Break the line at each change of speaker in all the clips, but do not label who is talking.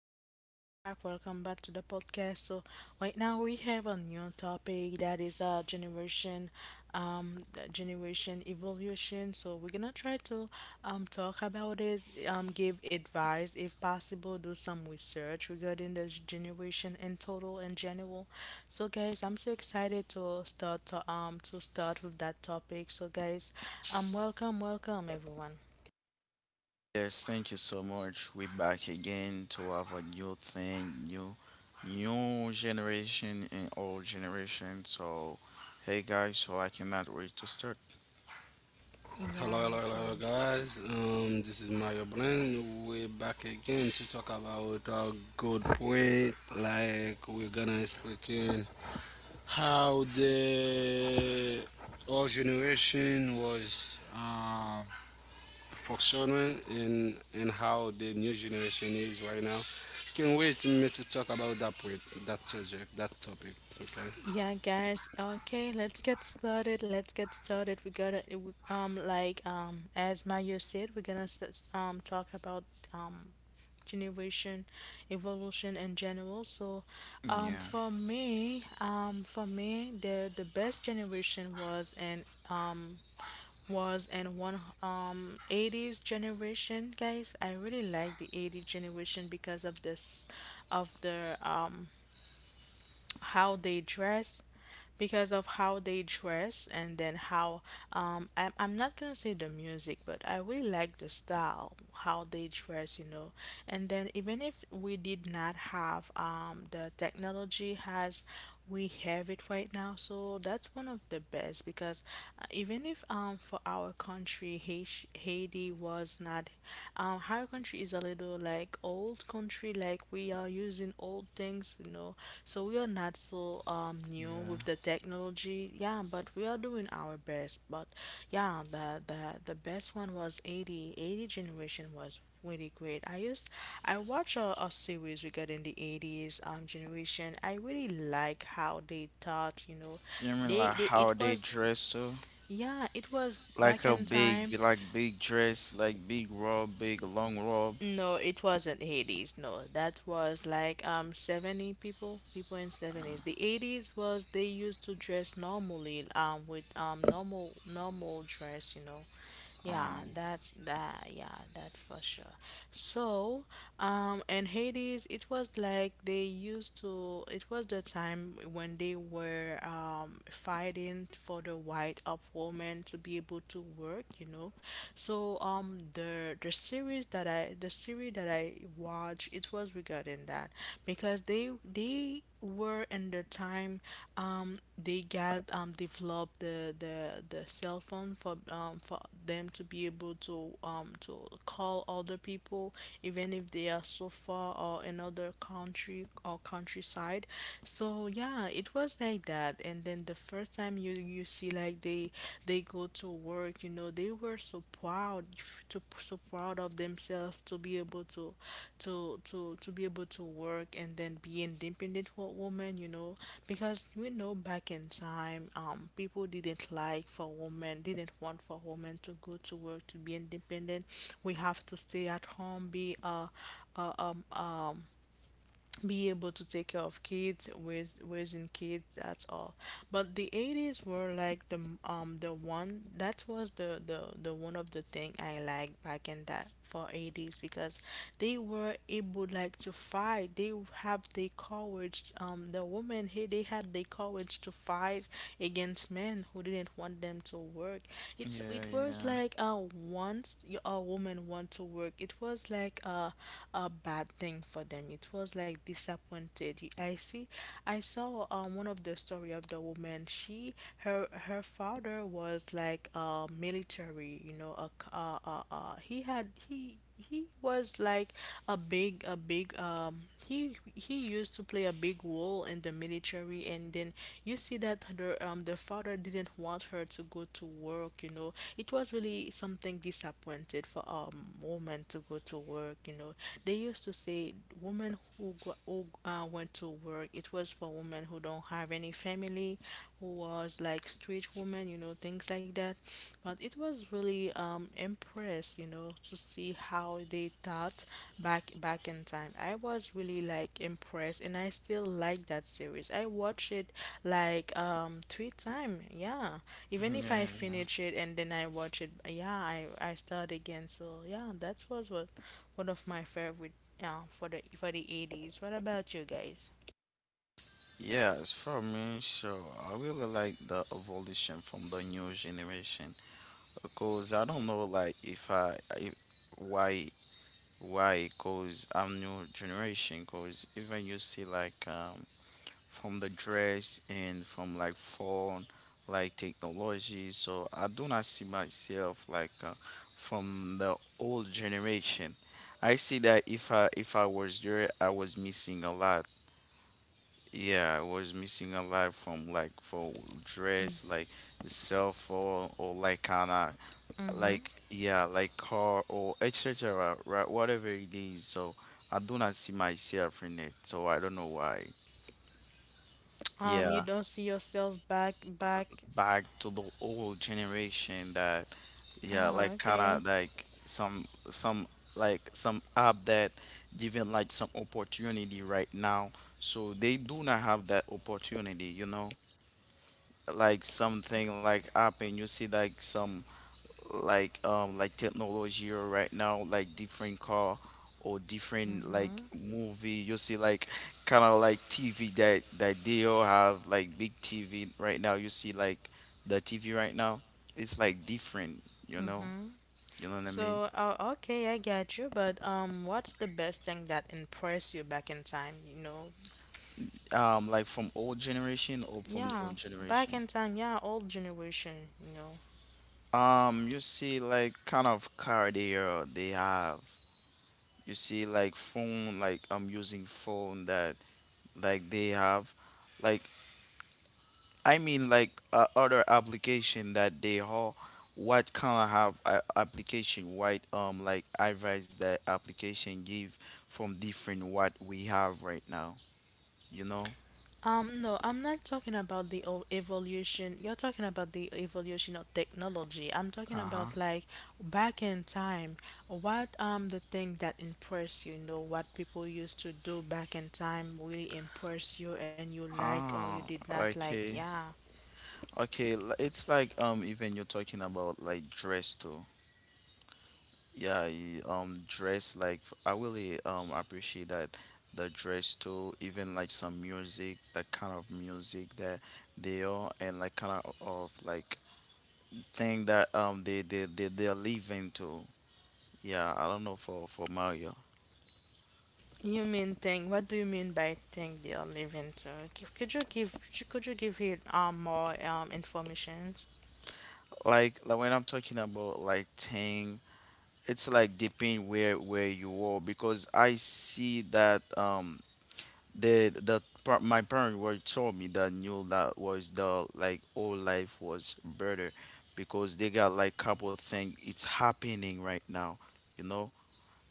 So welcome back to the podcast. So right now we have a new topic that is um, generation evolution. So we're gonna try to talk about it, give advice if possible, do some research regarding the generation in total in general. So guys, I'm so excited to start with that topic. So guys, welcome everyone.
Yes, thank you so much. We're back again to have a new thing, new generation and old generation. So hey guys, so I cannot wait to start.
Hello, hello,
Yeah, me
hello,
too.
guys. This is Mario Blend. We're back again to talk about a good point. Like we're gonna explain how the old generation was functioning and how the new generation is right now. Can't wait to me to talk about that point, that subject, that topic. Okay.
Yeah, guys. Okay, let's get started. We gotta, it w- like, as Maya said, we're gonna talk about um generation evolution in general. So,
Yeah,
for me, the best generation was an um was in one 80s generation, guys. I really like the 80s generation because of this of the how they dress, because of how they dress. And then how I'm not gonna say the music, but I really like the style how they dress. And then even if we did not have the technology has we have it right now, so that's one of the best. Because even if for our country, Haiti was not our country is a little like old country, like we are using old things. So we are not so new
yeah.
with the technology, yeah, but we are doing our best, but yeah, the best one was eighty generation, was really great. I watched a series regarding the 80s generation. I really like how they thought.
You mean like
They
how
it
they
was,
dress too?
yeah, it was
Like a
back in
big
time.
like big dress, like big robe, big long robe.
No, it wasn't Hades. No, that was like 70 people in 70s. The 80s was they used to dress normally with normal dress. Yeah,
Um
that's that. Yeah, that for sure. So, in Hades, it was like they used to. It was the time when they were fighting for the right of women to be able to work. So the series that I watched, it was regarding that. Because they were in the time, they got developed the cell phone for them to be able to to call other people, even if they are so far, or another country or countryside. So yeah, it was like that. And then the first time you see like they go to work, they were so proud, f- to so proud of themselves to be able to work, and then be independent woman, because we know back in time, people didn't want for women to go to work, to be independent. We have to stay at home, uh um be able to take care of kids, with raising kids, that's all. But the 80s were like the, the one that was the one of the thing I like back in that for 80s, because they were able like to fight. They have the courage. The women here, they had the courage to fight against men who didn't want them to work. It's
yeah,
was it
yeah.
was like once a woman want to work, it was like a bad thing for them. It was like disappointed. I saw one of the story of the woman. She her her father was like military. You know, he had he was like a big. He used to play a big role in the military. And then you see that the father didn't want her to go to work. You know, it was really something disappointed for a woman to go to work. You know, they used to say women who went to work. It was for women who don't have any family, who was like street woman, things like that. But it was really impressed, to see how they thought back in time. I was really like impressed, and I still like that series. I watched it like three times, yeah. Even if I
Yeah.
finish it and then I watch it, yeah, I start again. So yeah, that was what one of my favorite, yeah, for the 80s. What about you guys?
Yes, for me, so I really like the evolution from the new generation, because I don't know like if I, I why because I'm new generation, because even you see like from the dress and from like phone, like technology, so I do not see myself like from the old generation. I see that if I was there I was missing a lot. Yeah, I was missing a lot from like for dress, like cell phone, or like kind,
Mm-hmm.
like, yeah, like car or etc., right, whatever it is, so I do not see myself in it, so I don't know why. Yeah,
You don't see yourself back.
back to the old generation, that, yeah, like
Oh,
kind of
okay.
like some like some app that giving like some opportunity right now, so they do not have that opportunity, you know, like something like app, and you see like some like technology or right now like different car or different like movie. You see like kind of like TV, that they all have like big TV right now. You see like the TV right now, it's like different, you know, you know what I mean.
So, okay, I get you, but what's the best thing that impressed you back in time, you know?
Like from old generation or from new
Yeah,
generation?
back in time, yeah, old generation.
You see like kind of car they are, they have. You see like phone, like I'm using phone that like they have like, I mean, like other application that they have. What kind of have application? What like advice that application give from different what we have right now? You know?
No, I'm not talking about the evolution. You're talking about the evolution of technology. I'm
Uh
talking
huh.
about like back in time. What the thing that impress you, what people used to do back in time really impress you, and you like or
Ah,
you did not like.
okay,
Yeah.
okay. It's like even you're talking about like dress too. Yeah, dress like I really appreciate that the dress too. Even like some music, that kind of music that they are, and like kind of like thing that they're living to. Yeah, I don't know for Mario.
You mean thing? What do you mean by thing they are living to? C- Could you give could you give it more information?
Like when I'm talking about like thing, it's like depending where you are, because I see that the my parents were told me that knew that was the like, all life was better because they got like couple thing it's happening right now. You know.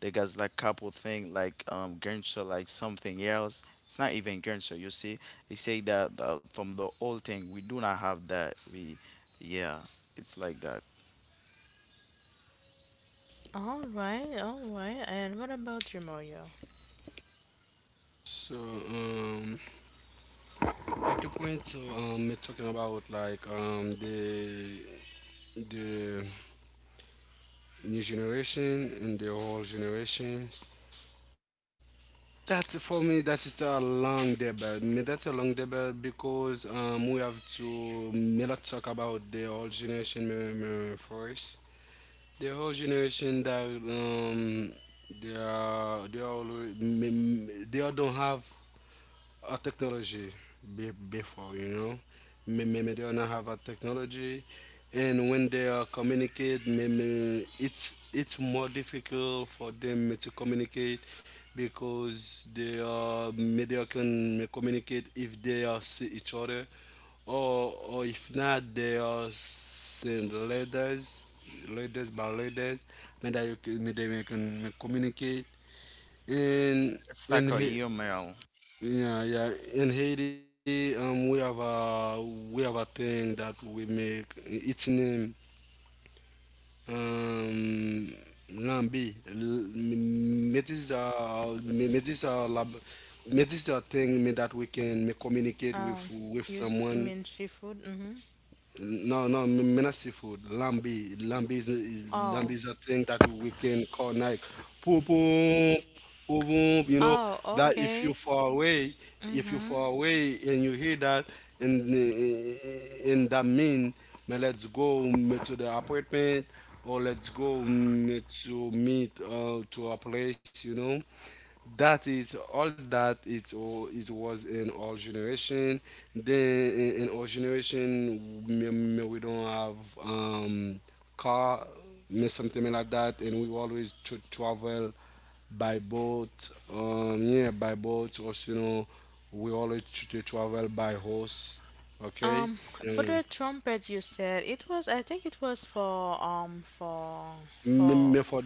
They got like couple thing like Grinch or like something else. It's not even Grinch. You see, they say that from the old thing we do not have that. We, yeah, it's like that.
All right, all right. And what about you, Mario?
So, at the point, so, we're talking about the new generation and the old generation. That's for me. That is a long debate. Me, that's a long debate because we have to me not talk about the old generation me first. The old generation that they are alwa- me- me- they all don't have a technology be, before, you know. Maybe they don't have a technology, and when they are communicate, maybe it's more difficult for them to communicate because they are maybe they can communicate if they are see each other, or if not, they are send letters, letters by letters, maybe that you can, maybe they can communicate and
It's like
and
a
he-
email.
Yeah, yeah. In Haiti, we have a thing that we make. Its name um, lambi. Metisa, metisa lab, metisa thing me that we can me communicate with
Um, you
someone.
you mean seafood? Mm-hmm.
No, no, mina seafood. Lambi, lambi is lambi
Oh,
is a thing that we can call like poo boom, poo boom. You know
oh,
that if you
okay.
far away, if you far
Mm-hmm.
away and you hear that, and that mean, man, let's go to the apartment or let's go to meet to a place. You know, that is all that it was in our generation. Then in our generation me, me, we don't have um car me something like that, and we always tr travel by boat, yeah, by boat or, you know, we always travel by horse. Okay.
Um, for the trumpet you said, it was I think it was for
Me,
for
me for—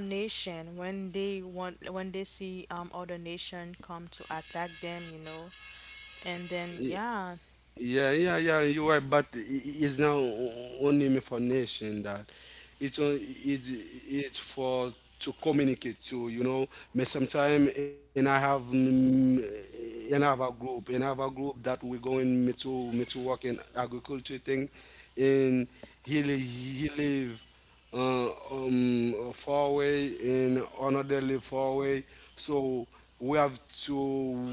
nation, when they want when they see other nation come to attack them, and then
Yeah, yeah, yeah. You're right, but it's not only information that it's on it, it's for to communicate to, you know. Me sometime and I have mm, mm, and I have a group and I have a group that we're going me to me to work in agriculture thing, and he live four-way and another four-way. So we have to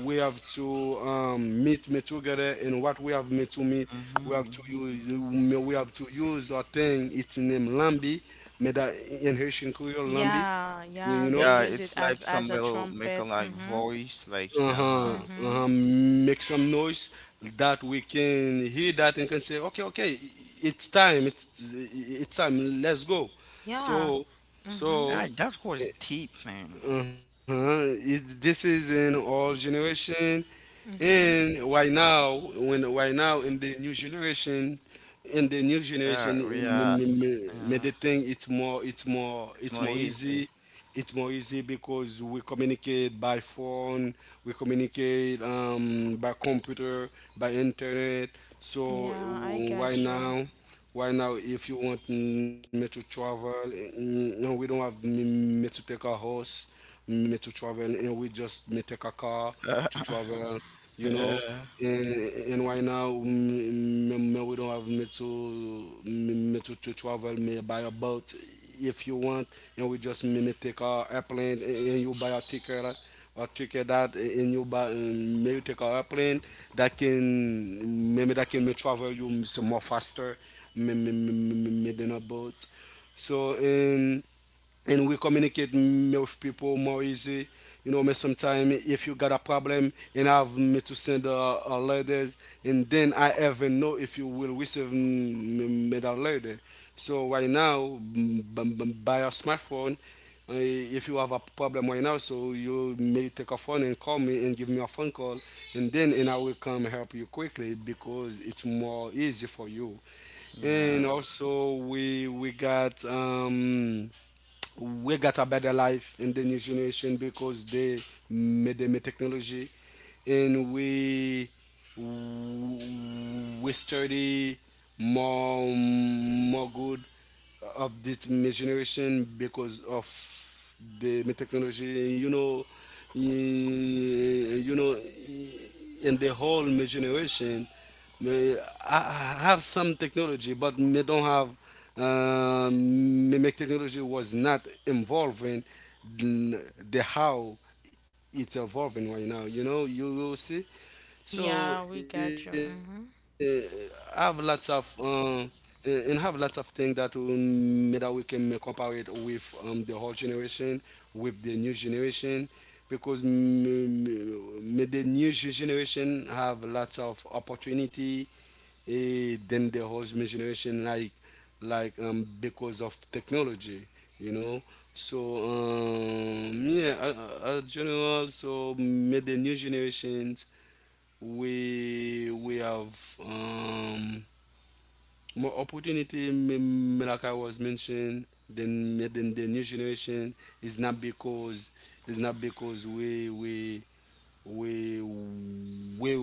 we have to meet me together, and what we have me to meet,
Mm-hmm, mm-hmm.
we have to use a thing. It's named Lambi, made that in Haitian Creole Lambi.
yeah,
You
yeah,
know,
they
Yeah,
use
it's
it
like
as
some
as a
little make a
trumpet.
like
Mm-hmm.
voice like, uh
uh-huh,
huh.
uh-huh, make some noise that we can hear that and can say, okay, okay, it's time, it's time, let's go.
Yeah.
So so
Mm-hmm.
Ah, that was deep, man.
uh-huh. It, this is in all generation,
Mm-hmm.
and right now, when right now in the new generation, in the new generation,
That,
me,
yeah,
me, me, me
uh,
the thing it's more, it's more,
it's
it's
more
more
easy.
easy. It's more easy because we communicate by phone, we communicate by computer, by internet. So
Yeah, I
right
got you.
now. Why now, if you want me to travel, mm, no, we don't have me, me to take a horse, me to travel, and we just me take a car to travel, you know.
Yeah,
And why now, mm, me, me, we don't have me to me, me to travel, me buy a boat if you want, and we just me, me take a airplane, eh, and you buy a ticket that eh, and you buy maybe take a airplane that can maybe that can me travel you some more faster meeting about. So and we communicate me with people more easy. You know, me sometimes if you got a problem and have me to send a letter, and then I even know if you will receive me, me that letter. So right now, by a smartphone, if you have a problem right now, so you may take a phone and call me and give me a phone call, and then and I will come help you quickly because it's more easy for you. And
yeah.
also we got we got a better life in the new generation because they made them technology, and we study more more good of this generation because of the technology, you know. Eh, you know, eh, in the whole generation me- I have some technology but me don't have me make technology was not involved in the how it's evolving right now. You know, you will see. So
Yeah, we got you.
I have
Mm-hmm.
lots of and have lots of things that that we can compare it with the whole generation, with the new generation, because the new generation have lots of opportunity, eh, then the whole generation like because of technology, you know. So yeah, general so made the new generations, we have more opportunity. Like I was mentioned, then the new generation is not because it's not because we we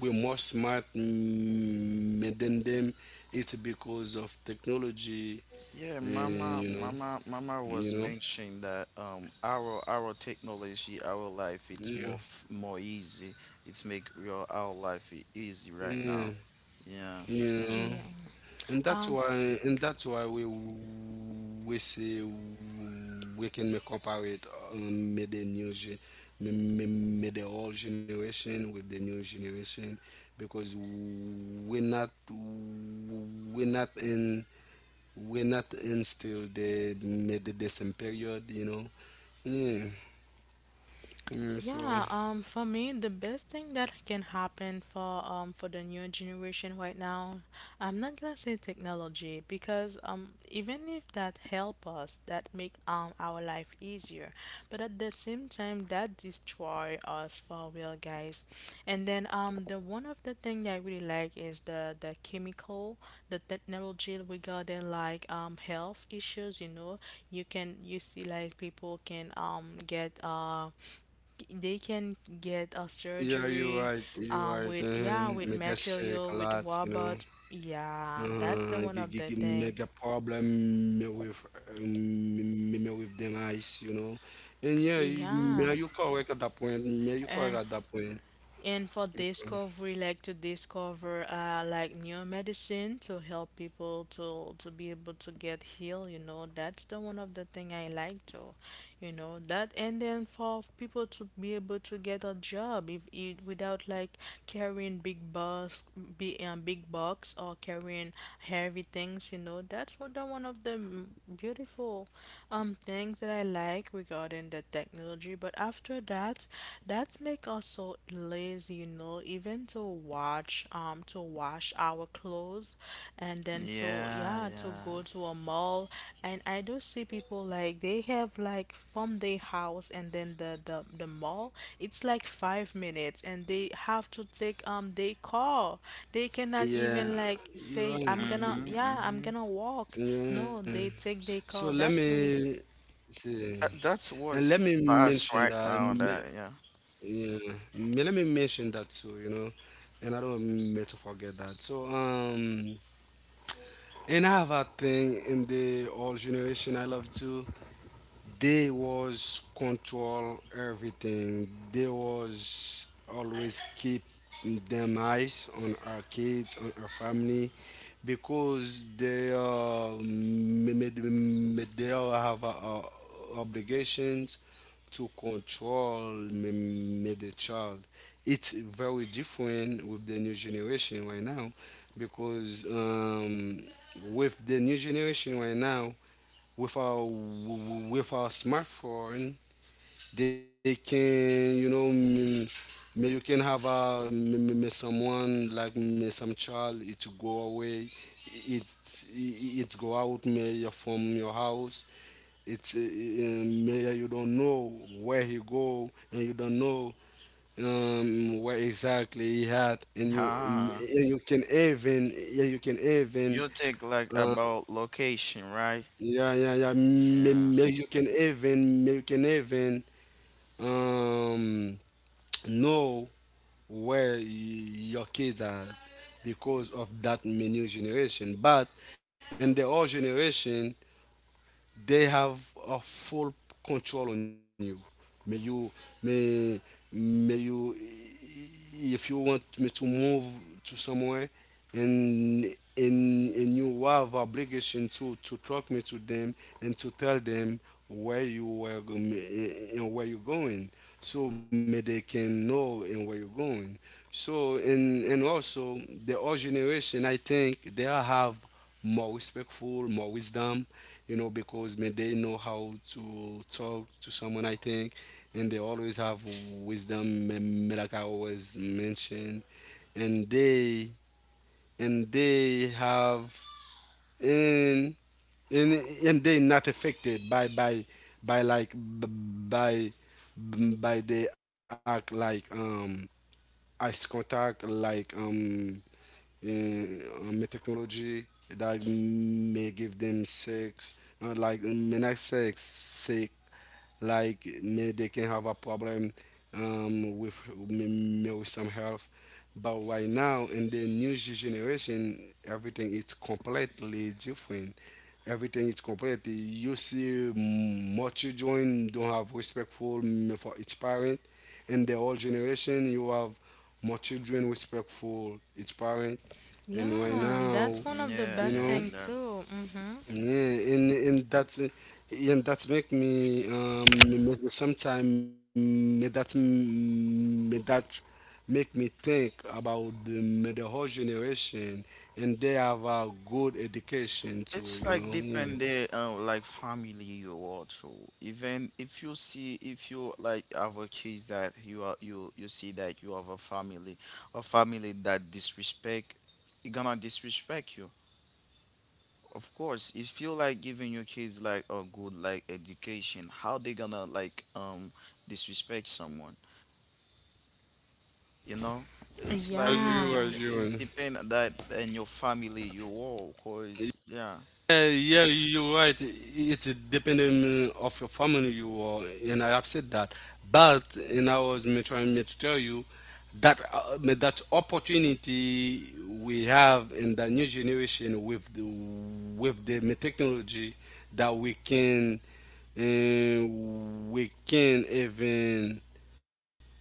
we more smart, mm, than them. It's because of technology,
Yeah,
and
Mama,
you know,
Mama, Mama
you
was
know,
mentioning that our technology, our life,
yeah,
it's more easy. It's make your our life easy
yeah,
right now.
you
Yeah,
know.
Yeah.
And that's why we say we can make compare it with the new gen, with the old generation with the new generation, because we're not in still the mid the same period, you know. Mm, mm, so
Yeah, for me, the best thing that can happen for the new generation right now, I'm not gonna say technology, because even if that help us, that make our life easier. But at the same time, that destroy us for real, guys. And then the one of the thing that I really like is the chemical, the technology regarding like health issues. You know, you see like people can get they can get a
yeah, you're
surgery
right, you're right.
with, yeah,
And I
with
get sick a
material, with
lot, you know.
robots, yeah. That's the
Uh,
one
g-
of
g-
the
g-
thing,
Make a problem me with me, me with them eyes, you know. And yeah, you-
yeah.
me you correct at that point. Me you correct at that point.
And for discovery, like to discover like new medicine to help people to be able to get healed, that's the one of the thing I like to, that. And then for people to be able to get a job, if it without like carrying big box, big box, or carrying heavy things, that's what the one of the beautiful things that I like regarding the technology. But after that, that make us so lazy, even to wash our clothes, and then, to
yeah,
yeah, to
yeah.
go to a mall. And I do see people like they have like, from their house and then the mall, it's like 5 minutes, and they have to take they car. They cannot
Yeah,
even like
you
say I'm gonna,
are.
Mhm,
yeah, I'm
mhm.
gonna walk.
Yeah.
No, they take
So
their
let
car. That's
me
really.
see,
That that's
let me
what's
mention
fast right
that.
now. That yeah.
Yeah, let me mention that too. You know, and I don't mean to forget that. So and I have a thing in the old generation I love too. They was control everything. They was always keep them eyes on our kids, on our family, because they are they all have obligations to control me, me the child. It's very different with the new generation right now because with the new generation right now, with our smartphone they can, you know, mm, may you can have a may someone like may some child it to go away, it go out may from your house, it may you don't know where he go, and you don't know where exactly he had, and
Ah,
you can even yeah you can even
you think like
uh,
about location, right?
yeah, yeah, yeah. May,
Yeah,
may you can even um know where your kids are because of that menu generation. But in the old generation, they have a full control on you. May you may may you, if you want me to move to somewhere, and and you have obligation to talk me to them and to tell them where you were go- and where you're going, so may they can know and where you're going. So and also the old generation, I think they are have more respectful, more wisdom, you know, because man, they know how to talk to someone, I think, and they always have wisdom, man, like I always mentioned, and they and they have and and and they not affected by like by they act like eyes contact like technology that may give them sex, like not sex, sick, like may they can have a problem with may, with some health. But right now in the new generation, everything is completely different. Everything is completely. You see, more children don't have respectful, mm, for each parent. In the old generation, you have more children respectful each parent. And right
Yeah,
now,
that's one of the
yeah,
you
bad
know,
thing
yeah.
too. Mm-hmm.
yeah, and that make me make sometime make that m- make that make me think about the the whole generation, and they have a good education too,
It's
you
like
know. Yeah.
depending on like family you also. Even if you see, if you like have a kids that you are, you see that you have a family, a family that disrespect, it gonna disrespect you. Of course, if you like giving your kids like a good like education, how they gonna like disrespect someone? You know, it's like
As
it's
Yeah.
dep
you as
it's
you.
depend that and your family you are. Cause yeah,
Yeah, you're right. It's depending of your family you are, and I upset that. But and I was me trying me to tell you that that opportunity we have in the new generation with the me technology, that uh, we can even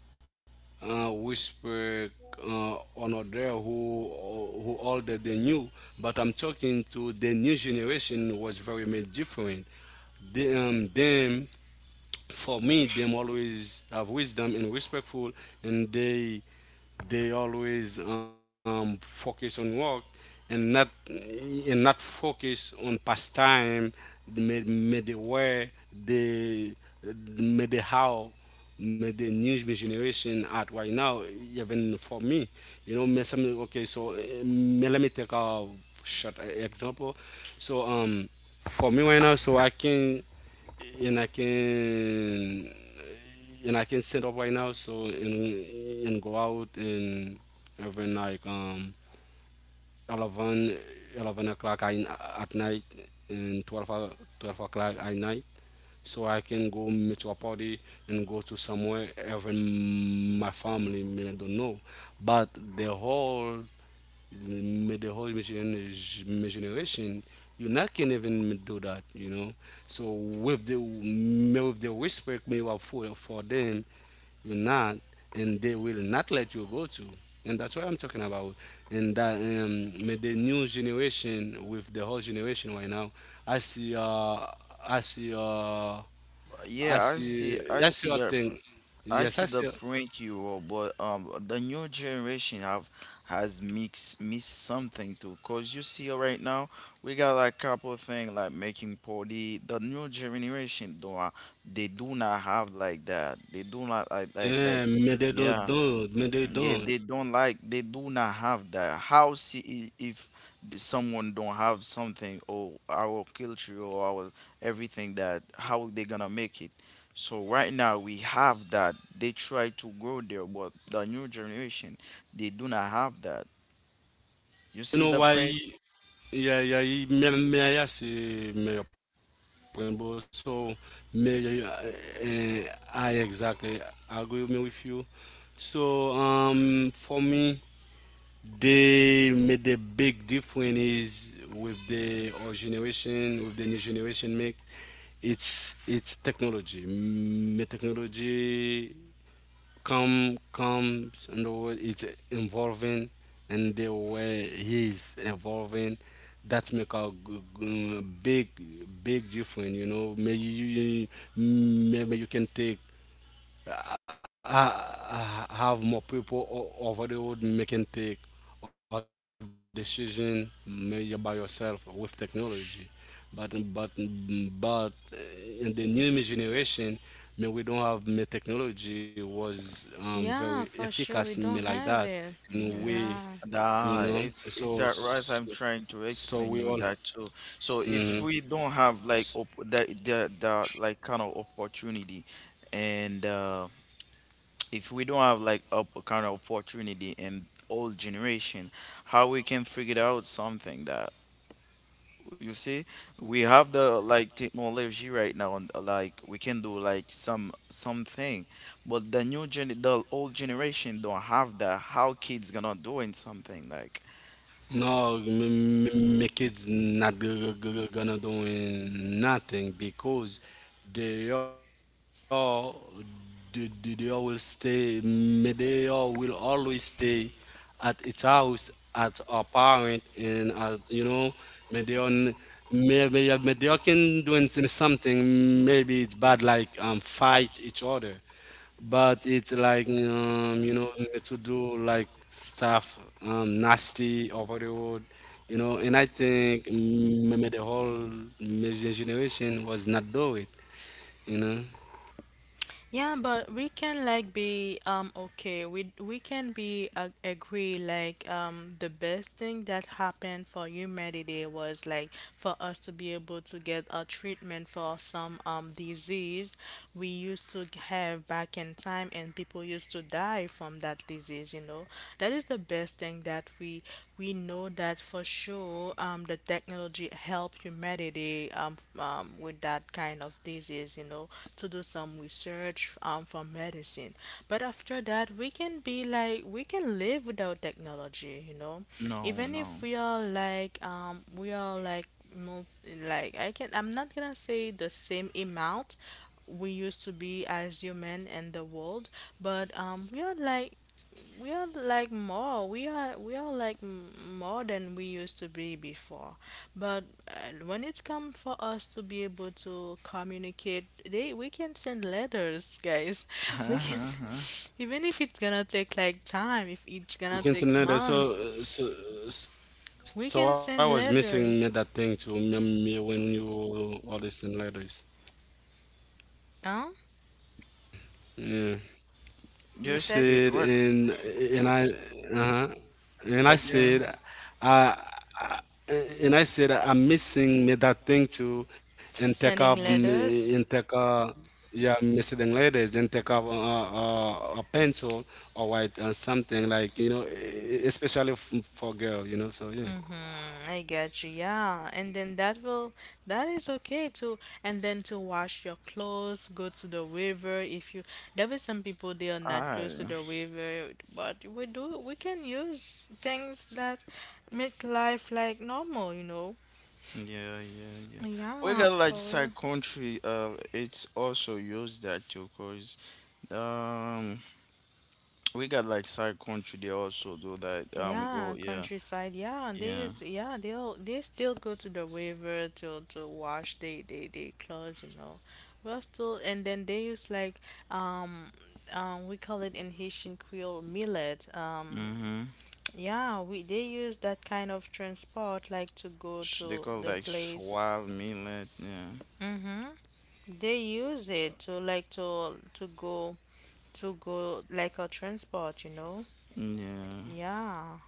whisper honor there who older than you, but I'm talking to the new generation was very much different. Them, for me, them always have wisdom and respectful, and they always focus on work and not focus on pastime. May the where the may the how may the new generation at right now, even for me, you know, may some okay so eh, may let me take a short example. so um for me right now, and i can I can set up right now, so and go out, and every like 11, 11 o'clock I, at night, and 12 o'clock at night. So I can go meet to a party and go to somewhere even my family may not don't know. But the whole the whole generation you not can even do that, you know. So with the respect me have for them, you not, and they will not let you go to. And that's what I'm talking about. And that the new generation with the whole generation right now, i see uh i see uh i
yeah, I see,
see
I
i
see
see a
that.
thing.
I
Yes,
see
I
the
see.
point you wrote, but the new generation have, has mixed missed something too. Cause you see right now we got like couple thing like making party. The new generation don't they do not have like that. They do not like
Yeah, me they don't
yeah.
don't me they
Yeah,
don't,
they don't like, they do not have that. How see if someone don't have something or our culture or our everything, that how they gonna make it? So right now we have that. They try to go there, but the new generation, they do not have that.
you
You
know
see
why.
the print?
Yeah, yeah, he, may I see me, your point, but so, Mayor, I exactly agree with me with you. So, for me, they made the big difference is with the old generation, with the new generation make it's technology. Mm, technology comes and the world is evolving, and the way he's is evolving, that make a big difference, you know. Maybe maybe you can take, have more people over the road making take or decision made by yourself with technology. But in the new generation, me we don't have me technology was very
Yeah, for
efficacious
sure.
me
We
like
don't
that
have it.
in a
Yeah.
way,
Yeah.
you
Nah,
know. So
it's that right.
so,
I'm trying to
so we
explain
all.
you that too. So
Mhm.
if we don't have like op the like kind of opportunity, and if we don't have like kind of opportunity in old generation, how we can figure out something that, you see, we have the like technology right now, and like we can do like some something, but the old generation don't have that. How kids gonna doing something like,
No, my kids not gonna doing nothing because they are, they all will stay they all will always stay at its house at our parent and at, you know, may they on may they all can doing something, maybe it's bad like fight each other. But it's like you know, to do like stuff nasty over the road, you know. And I think maybe the whole major generation was not do it, you know.
Yeah, but we can like be okay. We can be agree like the best thing that happened for humanity was like for us to be able to get a treatment for some disease we used to have back in time, and people used to die from that disease. That is the best thing that we know, that for sure, the technology helped humanity with that kind of disease, to do some research, for medicine. But after that, we can live without technology,
no
even if
no.
we are like, mul- I'm not gonna say the same amount we used to be as human in the world, but we are like, more, we are like m- more than we used to be before. But when it's come for us to be able to communicate, they we can send letters, guys, we can, even if it's gonna take like time, if it's gonna take
We
months,
can say no, that. So, uh,
we
so,
can
so I
send
was missing
letters,
me that thing to me me when you all listen letters.
huh,
Yeah.
you
Yes,
said
you
Said, and I, uh-huh,
what
and I
you mean?
said, I, I- and I said, I'm missing me that thing too, and take
sending
up,
letters.
and take up, yeah, missing ladies, and take up a pencil or white or something like, you know, especially for girl, you know. So yeah.
Mm, I get you, yeah. And then that is okay too. And then to wash your clothes, go to the river. If you There were some people they are not close to
Ah,
the river, but we can use things that make life like normal.
yeah, yeah, yeah. We
Yeah,
got like
for real.
side country. It's also used that too. Um, we got like side country. They also do that. Go,
Yeah,
yeah,
countryside. Yeah, and they
yeah.
use, yeah, they still go to the river to wash they clothes. Well, still, and then they use like um we call it in Haitian Creole millet.
Mm-hmm.
Yeah, we they use that kind of transport like to go
Sh they
to
call
the
like
place.
Schwab millet. Yeah,
They use it to like to go like a transport,
yeah,
Yeah.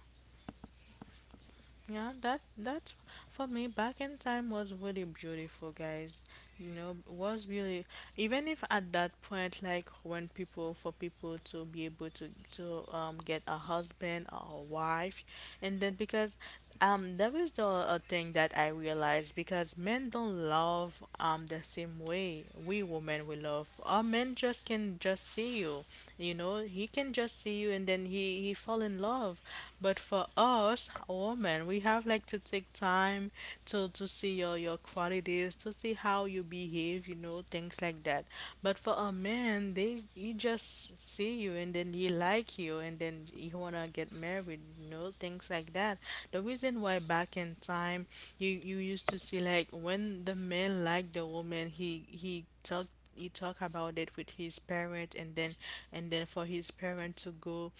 Yeah, that's for me. Back in time was really beautiful, guys. Was really, even if at that point, like when people for people to be able to get a husband or a wife. And then, because that was the a thing that I realized, because men don't love the same way we women we love. Our men just can just see you. You know, he can just see you and then he fall in love. But for us women, we have like to take time to see your qualities, to see how you behave, things like that. But for a man, they he just see you and then he like you and then he wanna get married, things like that. The reason why, back in time, you used to see, like, when the man liked the woman, he talk about it with his parent. And then and then, for his parent to go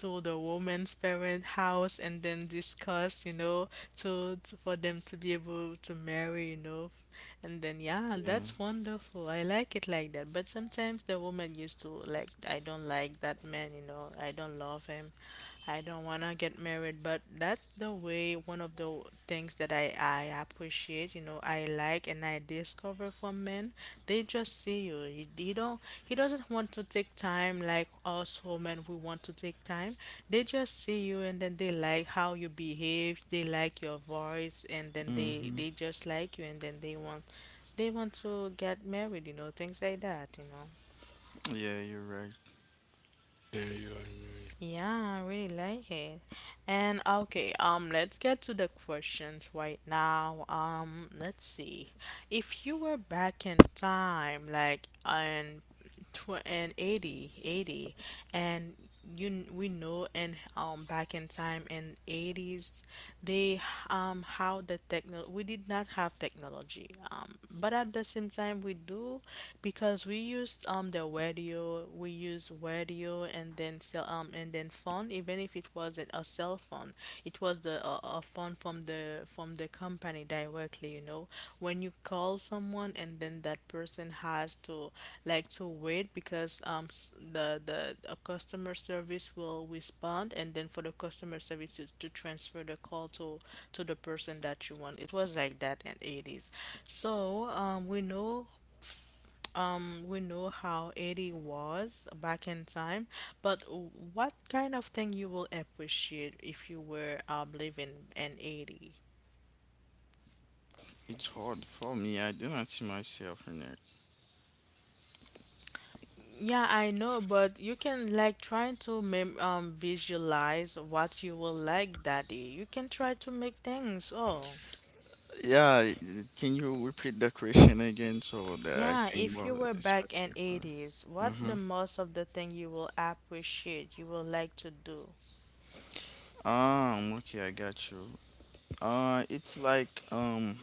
to the woman's parent house and then discuss. To for them to be able to marry. And then, yeah,
yeah.
that's wonderful, I like it like that. But sometimes the woman used to like, I don't like that man, I don't love him. I don't want to get married. But that's the way, one of the things that I appreciate, I like and I discover from men. They just see you. He doesn't want to take time like us women we want to take time. They just see you and then they like how you behave, they like your voice, and then they
Mm-hmm.
they just like you and then they want to get married, things like that.
Yeah, you're right.
Yeah, you
Yeah, I really like it. And okay, let's get to the questions right now. Let's see. If you were back in time, like, and and 80 80, and we know. And back in time in 80s, they, how the techno we did not have technology, but at the same time we do, because we used the radio, we use radio, and then cell and then phone. Even if it wasn't a cell phone, it was the phone from the company directly, when you call someone and then that person has to, like, to wait, because s- the a customer service will respond. And then, for the customer service to transfer the call to the person that you want. It was like that in 80s. So, um we know we know how Eddie was back in time, but what kind of thing you will appreciate if you were, living in 80?
It's hard for me. I do not see myself in there.
Yeah, I know, but you can, like, try to mem visualize what you will like that day. You can try to make things. Oh,
Yeah, can you repeat the question again so that I
yeah,
can
if you
more
were back in
specifically?
80s, what
Mm-hmm.
the most of the thing you will appreciate, you will like to do?
Okay, I got you. It's like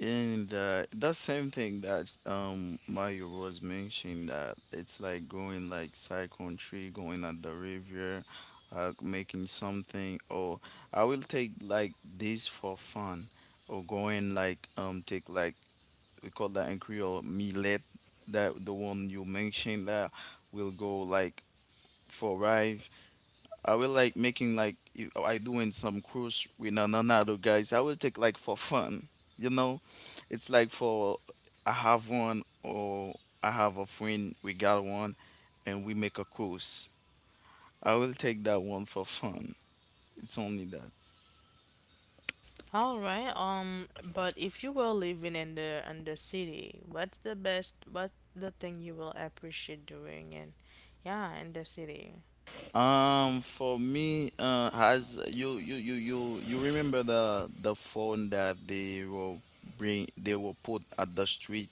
and that same thing that Mario was mentioning, that it's like going like side country, going at the river, making something. Or I will take like this for fun, or going like take like, we call that in Creole millet, that the one you mentioned that will go like for ride. I will like making like if I doing some cruise with another guys. I will take like for fun, you know. It's like for, I have one, or I have a friend we got one, and we make a cruise. I will take that one for fun. It's only that.
All right. But if you were living in the city, what's the best? What's the thing you will appreciate doing? And yeah, in the city.
For me, has you remember the phone that they were bring, they were put at the street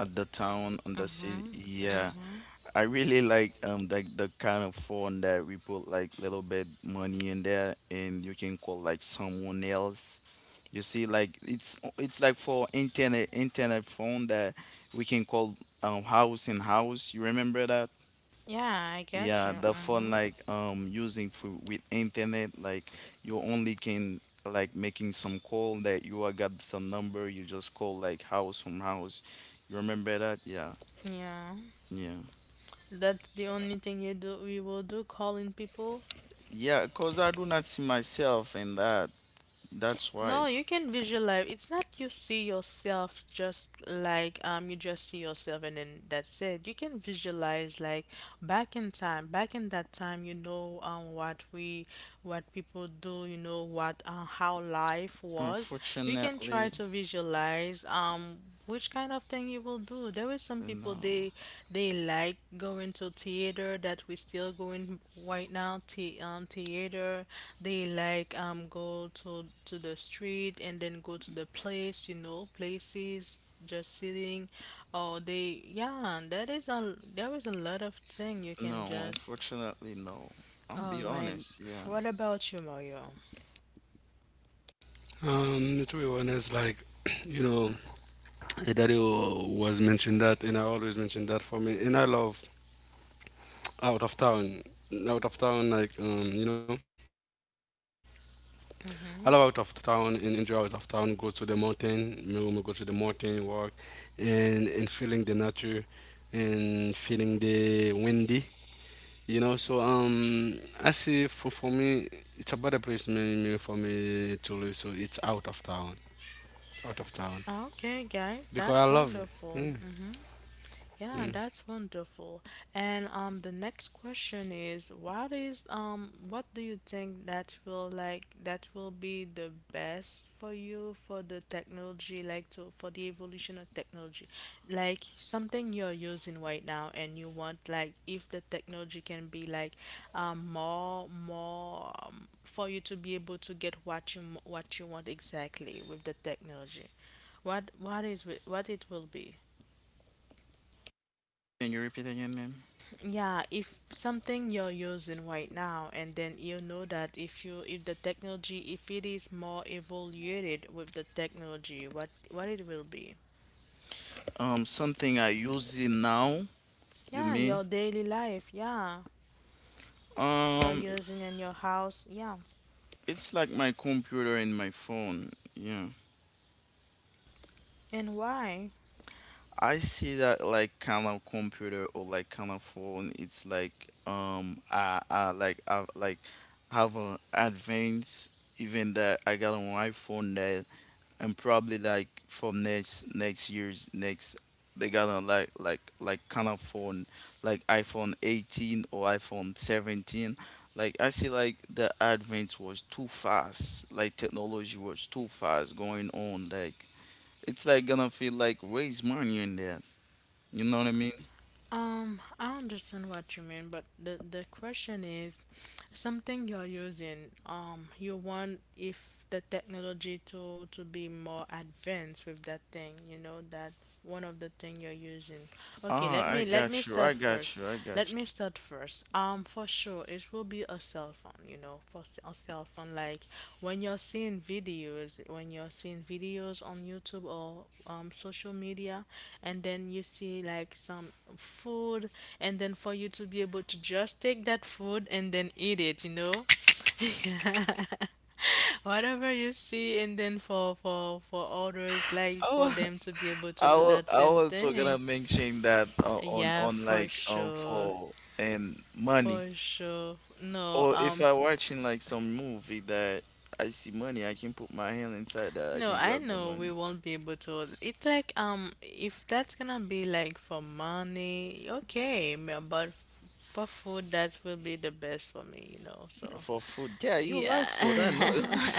at the town and the city?
Mhm.
Yeah,
Mhm.
I really like the kind of phone that we put like little bit money in there and you can call like someone else. You see, like it's like for internet phone that we can call house in house. You remember that?
Yeah, I get
Yeah,
you.
the phone
Mhm.
like using for with internet like, you only can like making some call that you are got some number, you just call like house from house. You remember that? Yeah.
Yeah,
Yeah.
that's the only thing you do. We will do calling people.
Yeah, because I do not see myself in that. That's
No,
why.
you can visualize. It's not you see yourself, just like, you just see yourself and then that's it. You can visualize, like, back in time, back in that time, what people do, you know what, how life was. You can try
Unfortunately,
to visualize which kind of thing you will do. There is some people,
no.
they like going to theater, that we still going right now, the theater. They like, go to the street and then go to the place, places just sitting. Or they, yeah, that is a there is a lot of thing you can
No,
just.
unfortunately, no. I'll
All
be
right.
honest, yeah.
What about you, Mario?
are. To be honest, like, you know, Daddy was mentioned that, and I always mention that for me, and I love out of town, out of town, like you know, I love out of town and
Mm-hmm.
enjoy out of town. Go to the mountain, me go to the mountain, walk, and feeling the nature, and feeling the windy, you know. So I see for me, it's a better place me, me for me to live. So it's out of town,
Okay, guys,
because
that's
I love it.
wonderful.
Yeah,
Mm-hmm. Yeah,
mm.
that's wonderful. And the next question is, what do you think that will, like that will be the best for you for the technology, like, to for the evolution of technology, like something you're using right now, and you want, like, if the technology can be like, more, for you to be able to get what what you want exactly with the technology, what it will be?
Can you repeat again, ma'am?
Yeah, if something you're using right now, and then you know that, if the technology, if it is more evaluated with the technology, what it will be?
Something I use it now, you
Yeah,
mean?
your daily life. Yeah, you're
Um,
using in your house. Yeah,
it's like my computer and my phone, yeah.
and why?
I see that like kind of computer or like kind of phone. It's like I like, I like have an advance. Even that I got an iPhone, that, and probably like for next year's next, they got a like kind of phone like iPhone 18 or iPhone 17. Like I see like the advance was too fast, like technology was too fast going on, like it's like gonna feel like raise money in that. You know what I mean?
I understand what you mean, but the question is, something you're using, you want if the technology to be more advanced with that thing, that one of the thing you're using. Okay, let
Ah, I
me let
got
me
you.
start
I got
first.
you. I got
Let me start first. For sure, it will be a cell phone, you know, a cell phone, like, when you're seeing videos on YouTube or, social media, and then you see like some food, and then for you to be able to just take that food and then eat it. Whatever you see, and then for others, like,
you.
for them to be able to do that
I
same
also gonna
thing.
mention that
Yeah,
on
for
like
sure.
for and money,
For sure no
or if
um
I watching like some movie that I see money, I can put my hand inside that. I
No,
can
I
grab the
know we
money
won't be able to. It's like, if that's gonna be like for money, okay, for food, that will be the best for me. So,
for food. Yeah, you like food. I know
yeah.
you like.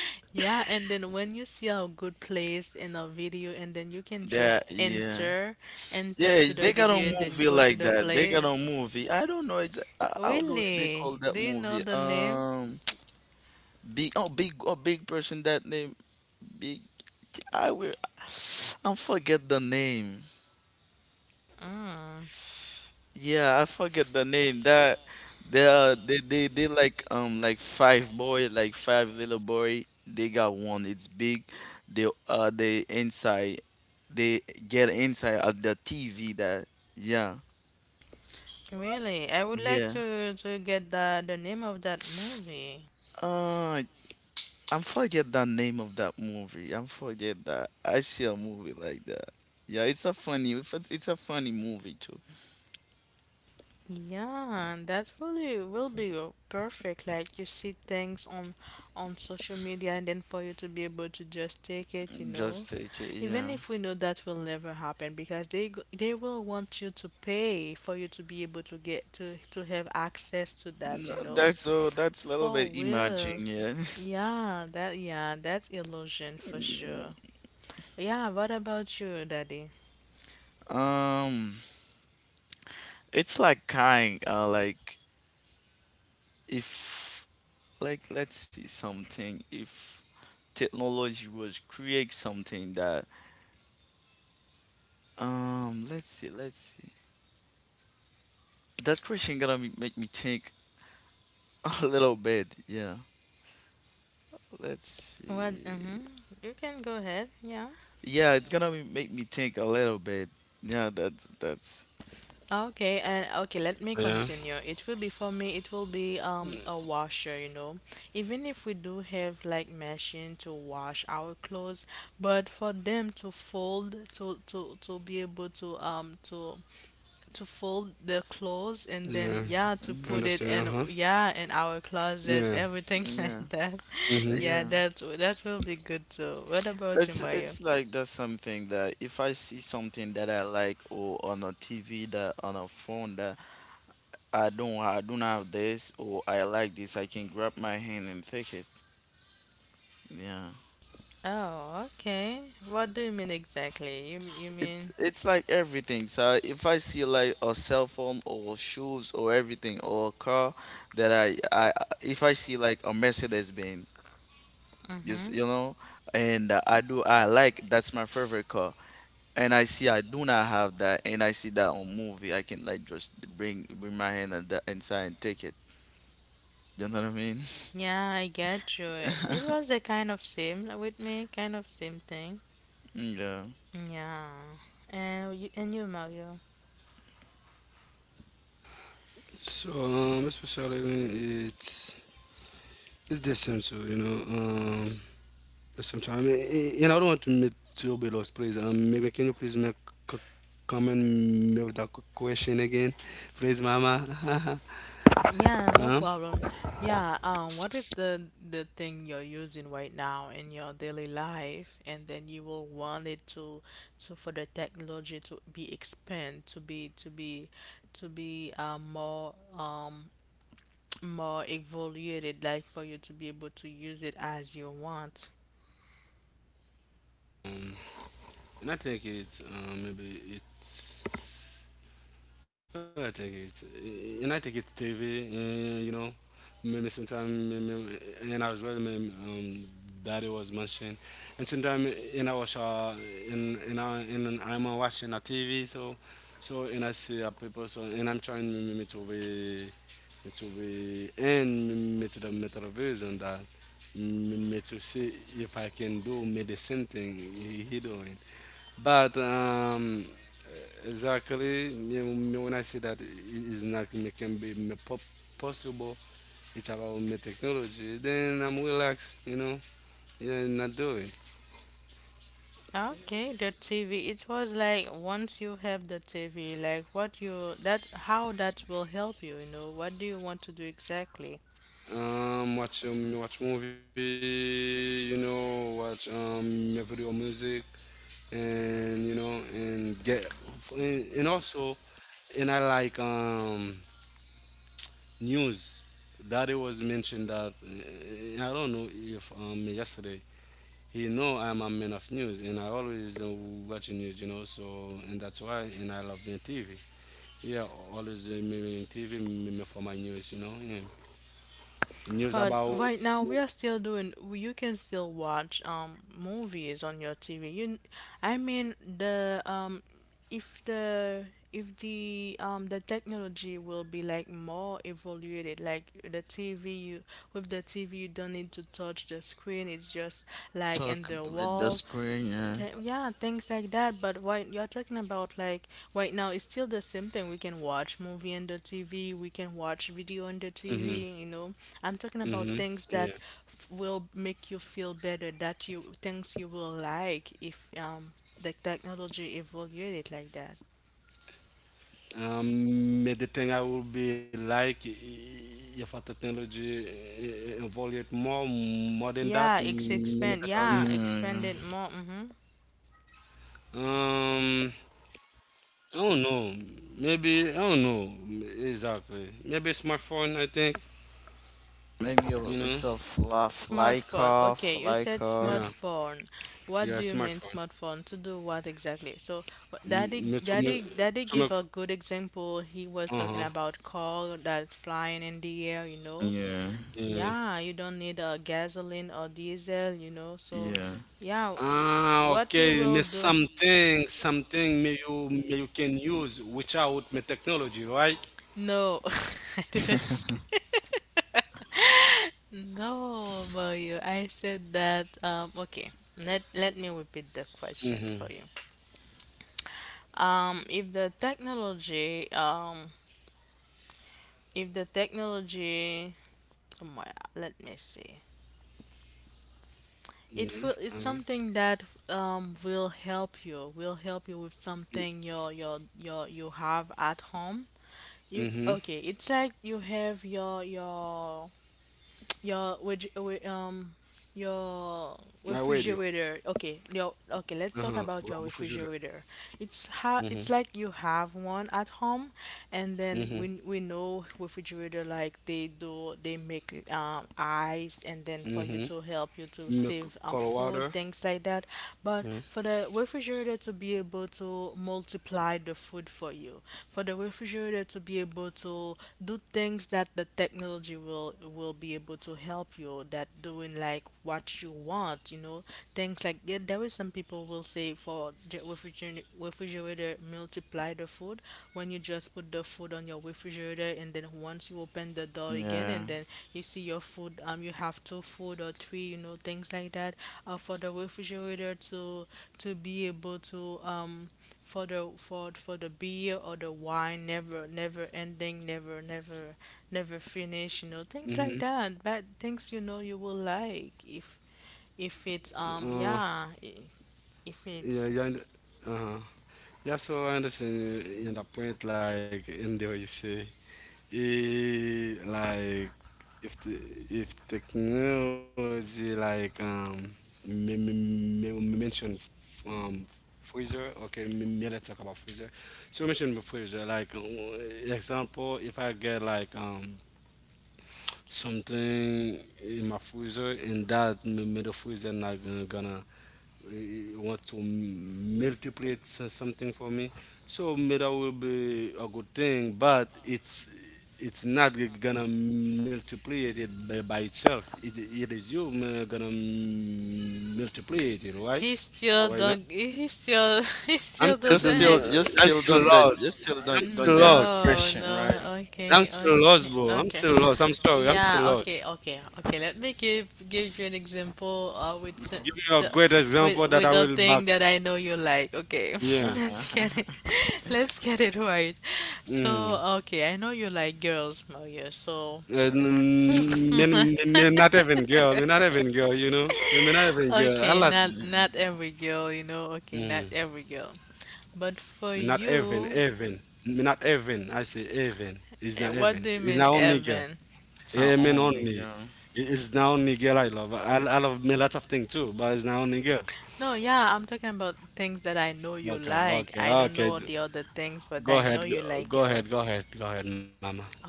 Yeah. And then when you see a good place in a video, and then you can
That
just
yeah.
enter to
Yeah,
the
they got a
video, and then
movie
go to
like
the
that. They got
place.
a movie. I don't know how do they call
Really?
that
Do you know
movie?
the name?
Big person that name big. I will. I forget the name.
Mm,
Yeah, I forget the name. That they are, they like five boy, like five little boy. They got one. It's big. They inside. They get inside of the TV. That, yeah,
really? I would like
yeah.
you to get the name of that movie.
Uh I'm forget the name of that movie. I'm forget that. I see a movie like that. Yeah, it's a funny. It's a funny movie too.
Yeah, that really will be, perfect. Like, you see things on social media, and then for you to be able to just take it.
Just take it.
Even
Yeah.
if we know that will never happen, because they will want you to pay, for you to be able to get to have access to that,
No,
you know.
that's so. That's a little
For
bit
real.
imagine. Yeah.
Yeah, that's illusion for sure.
yeah.
Yeah, what about you, Daddy?
Um, it's like kind. Like if, like let's see something. If technology was create something that, let's see, that question gonna be, make me think a little bit. Yeah, let's
What?
see.
Mm-hmm. You can go ahead. Yeah.
Yeah, it's gonna be, make me think a little bit. Yeah, that's that's.
Okay, and okay, let me
Yeah,
continue. It will be, for me, it will be a washer, Even if we do have, like, machine to wash our clothes, but for them to fold, to be able to,
yeah.
um
I
to
understand? Uh huh.
to fold the clothes, and
Yeah.
then, yeah, to
Mhm.
put it in,
Mm-hmm.
yeah, in our closet, everything like
Yeah,
that. Yeah,
yeah.
that will be good too. What
But
about you,
It's
Mario?
it's like that's something that if I see something that I like or on a TV, that on a phone, that I don't have this, or I like this, I can grab my hand and take it. Yeah.
Oh, okay. What do you mean exactly? You
It,
mean?
it's like everything. So if I see like a cell phone or shoes or everything or a car that I if I see like a Mercedes Benz. Just you know, and I do. I like, that's my favorite car. And I see I do not have that, and I see that on movie, I can like just bring my hand and that inside and take it. You know what I mean?
Yeah, I get you. It was the kind of same with me, kind of same thing.
Yeah.
Yeah. And you, Mario.
So especially when it's decent too, you know. Sometimes you know I don't want to make too bit of please. Maybe can you please make c- comment with that question again, please, Mama?
Yeah, no
Um,
problem. Yeah, what is the thing you're using right now in your daily life, and then you will want it, to for the technology to be expand, to be, more, more evaluated, like, for you to be able to use it as you want.
and I think it's maybe it's. Well, I think it's, and I think it's TV, you know, maybe sometime and as well daddy was mentioned. And sometime in I was in I in I'm watching a TV, so and I see a people, so and I'm trying me to be me to the metal vision that me to see if I can do me the same thing he doing. But exactly, you know, when I say that it is not it can be possible, it's about my technology. Then I'm relaxed, you know. Yeah, not do it.
Okay, the TV. It was like, once you have the TV, like what you, that how that will help you, what do you want to do exactly?
Watch watch movie, you know, watch my video music, and you know, and get and also, and I like news that it was mentioned that I don't know if yesterday he know I'm a man of news, and I always watch news, you know. So and that's why, and I love the TV. Yeah, always me TV me, me for my news, you know. Yeah. News
But
about.
right now we are still doing, you can still watch movies on your TV. You, I mean the, if the, the technology will be like more evaluated, like the TV you with the TV, you don't need to touch the screen, it's just like in
Talk
the
with the
wall.
screen. Yeah.
Yeah, things like that. But why you're talking about, like, right now, it's still the same thing. We can watch movie on the TV. We can watch video on the
Mhm.
TV. You know, I'm talking
Mhm.
about
Yeah.
things that f will make you feel better. That you things you will like if the technology evolved it like that.
But the thing I will be like if a technology involve it more, more than that, mm, me that's how
Yeah.
you.
Yeah,
yeah.
expanded more. Mm-hmm.
Um, I don't know. Maybe I don't know exactly. Maybe smartphone, I think,
Maybe
you
a,
know.
it's a fly
Smartphone.
car,
Okay, you
fly
said
car.
Yeah.
smartphone.
Yeah,
What do you mean
smartphone.
smartphone? To do what exactly?
M- me-
Daddy,
to me,
Daddy
to me,
gave a good example. He was
uh-huh.
talking about car that flying in the air, you know.
Yeah.
Yeah.
Yeah, you don't need a gasoline or diesel, you know. So,
Yeah.
yeah,
Ah,
what you
okay.
will
Me
do?
something, something me you can use without me technology, right?
No, I didn't. No, Mario, I said that. Okay, let me repeat the question for
Mm-hmm.
you. Um, if the technology, um, if the technology, let me see.
Yeah. Um,
It will, it's something that will help you with something your you have at home. You
mm-hmm.
okay, it's like you have your your
My
your
radio.
refrigerator. Okay, your okay.
Uh-huh.
Let's talk
Well,
about your refrigerator. It's how
mm-hmm.
it's like you have one at home, and then
Mm-hmm.
we know refrigerator like they do they make ice, and then for you
Mm-hmm.
to help you to
Milk,
save
cold
food
water.
things like that, but. The refrigerator to be able to multiply the food for you, for the refrigerator to be able to do things that the technology will be able to help you that doing like what you want, you know, things like yeah, there is some people will say for the refrigerator multiply the food when you just put the food on your refrigerator and then once you open the door it
Yeah.
you see your food you have two food or three you know things like that for the refrigerator to be able to for the for the beer or the wine never ending never never finish you know things like
Mm-hmm.
that but things you know you will like if it's
Uh,
yeah i- if
yeah,
it's
yeah. And uh-huh. Yeah, so I understand in the point like in there you say, it, like if the if technology like me, me, me, me mentioned um freezer, okay, me let's talk about freezer. So you mentioned the freezer like, example if I get like something in my freezer, and that middle freezer not gonna, gonna, want to multiply something for me. So middle will be a good thing, but it's not gonna multiply it by itself. It is you, gonna multiply it, right? Oh, why not?
he still he
I'm
still
still doing,
doesn't
You
I'm
still
still
don't, that
lost.
you still
I'm
don't
still
get the
lost.
no
question
no
right.
I'm
okay
still
okay
lost, bro. I'm
okay.
still lost. I'm sorry. I'm still
Yeah,
lost.
okay. Let me give you an example with
Give me your
s-
great example that
with
I
a
will
thing
back.
that I know you like. Okay.
Yeah.
Let's get it.
Uh-huh.
Let's get it right.
Mm.
So, okay, I know you like girls, Maria. So,
And me, me not even girl. Me not even girl, you know. Me, me not even girl. A
okay,
lot.
not every girl, you know.
Mm.
Okay, not every girl. But
Me
for
not even,
you,
even. Me not even. I say even. It's not
eh,
even.
what do you
It's not
mean,
only girl.
Evan?
It
Sound
men
only,
only.
yeah.
It- It's not only girl I love. I love me lots of things too, but it's not only girl.
No, yeah, I'm talking about things that I know you like. I don't
Okay.
know the other things, but
Go
I know
ahead,
you like girls.
go ahead, mama.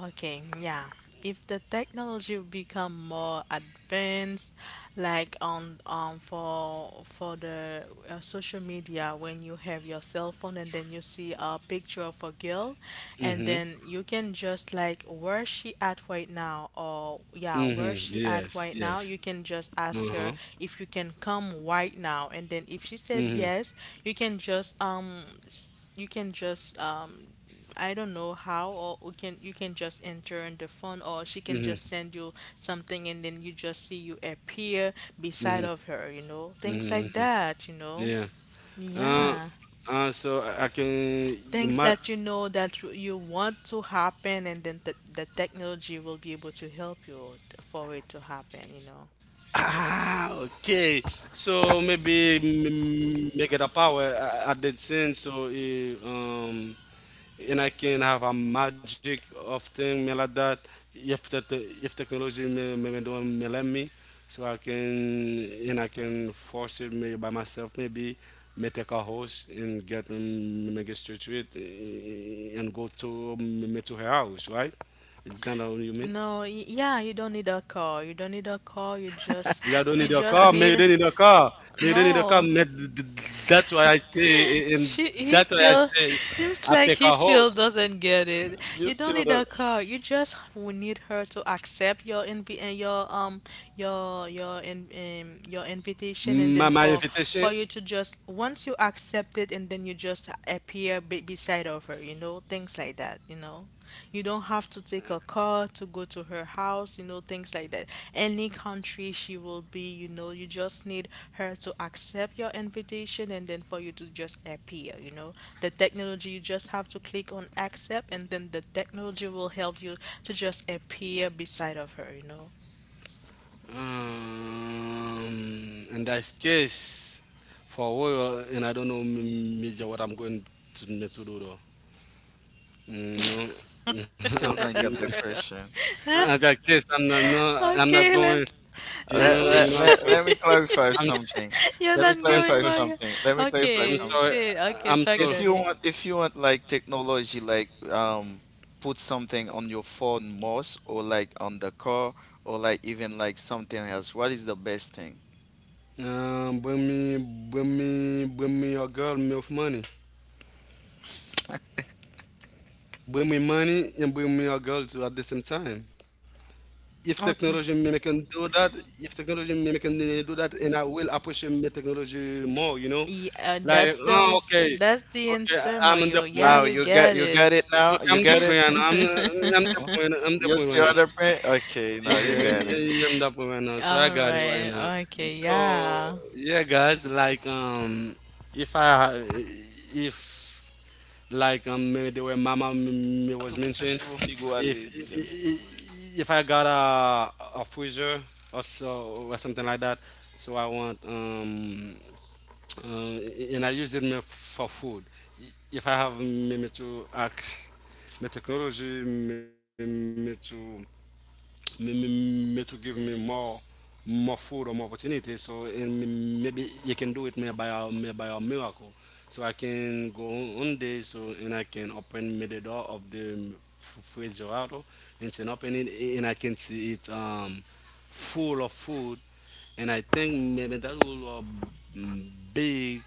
Okay, yeah. If the technology become more advanced, like on for the social media, when you have your cell phone and then you see a picture of a girl, and
Mm-hmm.
then you can just like where she at right now, or
Mm-hmm.
yeah, where she
Yes,
at
yes.
right now, you can just
Uh-huh.
ask her if you can come right now, and then if she said
Mm-hmm.
yes, you can just you can just I don't know how, or we can you can just enter on the phone, or she can
Mm-hmm.
just send you something, and then you just see you appear beside
Mm-hmm.
of her, you know, things
Mm-hmm.
like
Mm-hmm.
that, you know.
Yeah. Uh,
Yeah,
so I can you
things
might
that you know that you want to happen, and then the technology will be able to help you for it to happen, you know.
ah, okay. So maybe make it a power. I did sin. So and I can have a magic of thing me like that. If the if technology me don't me let me, so I can force it me by myself. Maybe me take a horse and get, mm, me get straight to it, and go to me to her house, right? That's what you mean.
No, yeah, you don't need a car. You don't need a car.
Yeah, I don't need
You
a
just
car, maybe
need
they need a car. Maybe they need a car.
no.
That's why I say. And
He
that's why I
still
say
seems
I
like
pick
he
a
still
host.
doesn't get it. You
You
don't need a car. You just need her to accept your invi your your invitation and then
My
for
invitation.
you to just once you accept it and then you just appear be beside of her, you know, things like that, you know. You don't have to take a car to go to her house, you know, things like that. Any country she will be, you know, you just need her to accept your invitation and then for you to just appear, you know. The technology, you just have to click on accept and then the technology will help you to just appear beside of her, you know.
In that case, for a while, and I don't know major what I'm going to need to do though. Mm, you know,
still don't get the question.
in that case, I'm not, no, I'm not
Okay,
going.
let's
Let,
You
let,
know, I'm
let,
sorry.
let me clarify
I'm, s-
something.
you're
Let me
not
I'm
going,
clarify
sorry.
Mario.
something. Let me clarify
I'm
Okay,
something.
sorry.
say okay,
I'm
talk
sorry.
daddy.
If you want like technology, like put something on your phone most, or like on the car, or like even like something else. What is the best thing?
Um, bring me, bring me your girl, me of money. Bring me money and bring me your girl too at the same time. If technology
Okay.
may can do that, if technology may can, do that, and I will appreciate my technology more, you know,
Yeah, and
like,
that's
oh,
always
okay,
that's the
okay,
answer,
I'm
Mario.
on the
Yeah,
point.
Now
you
you got,
get
you
it.
got it. Now
okay,
you
I'm the
got
point,
it.
right now. I'm I'm the
Oh,
point, I'm the
you
point
still
right now.
other print? Okay, now you
Yeah,
got
yeah,
it.
yeah, I'm the point right now, so I
All
got it right now.
right. Okay.
So
Yeah.
yeah, guys, like if I, if like the way Mama me
Tá
was
Tudo faz
mentioned,
igual
if
ali, dizendo.
I got a freezer or so or something like that, so I want uh, and I use it me for food. If I have me to me technology me to m- to give me more food or more opportunity. So and maybe you can do it, maybe by a miracle. So I can go one day, so and I can open me the door of the refrigerator and then open it, and I can see it full of food. And I think maybe that will big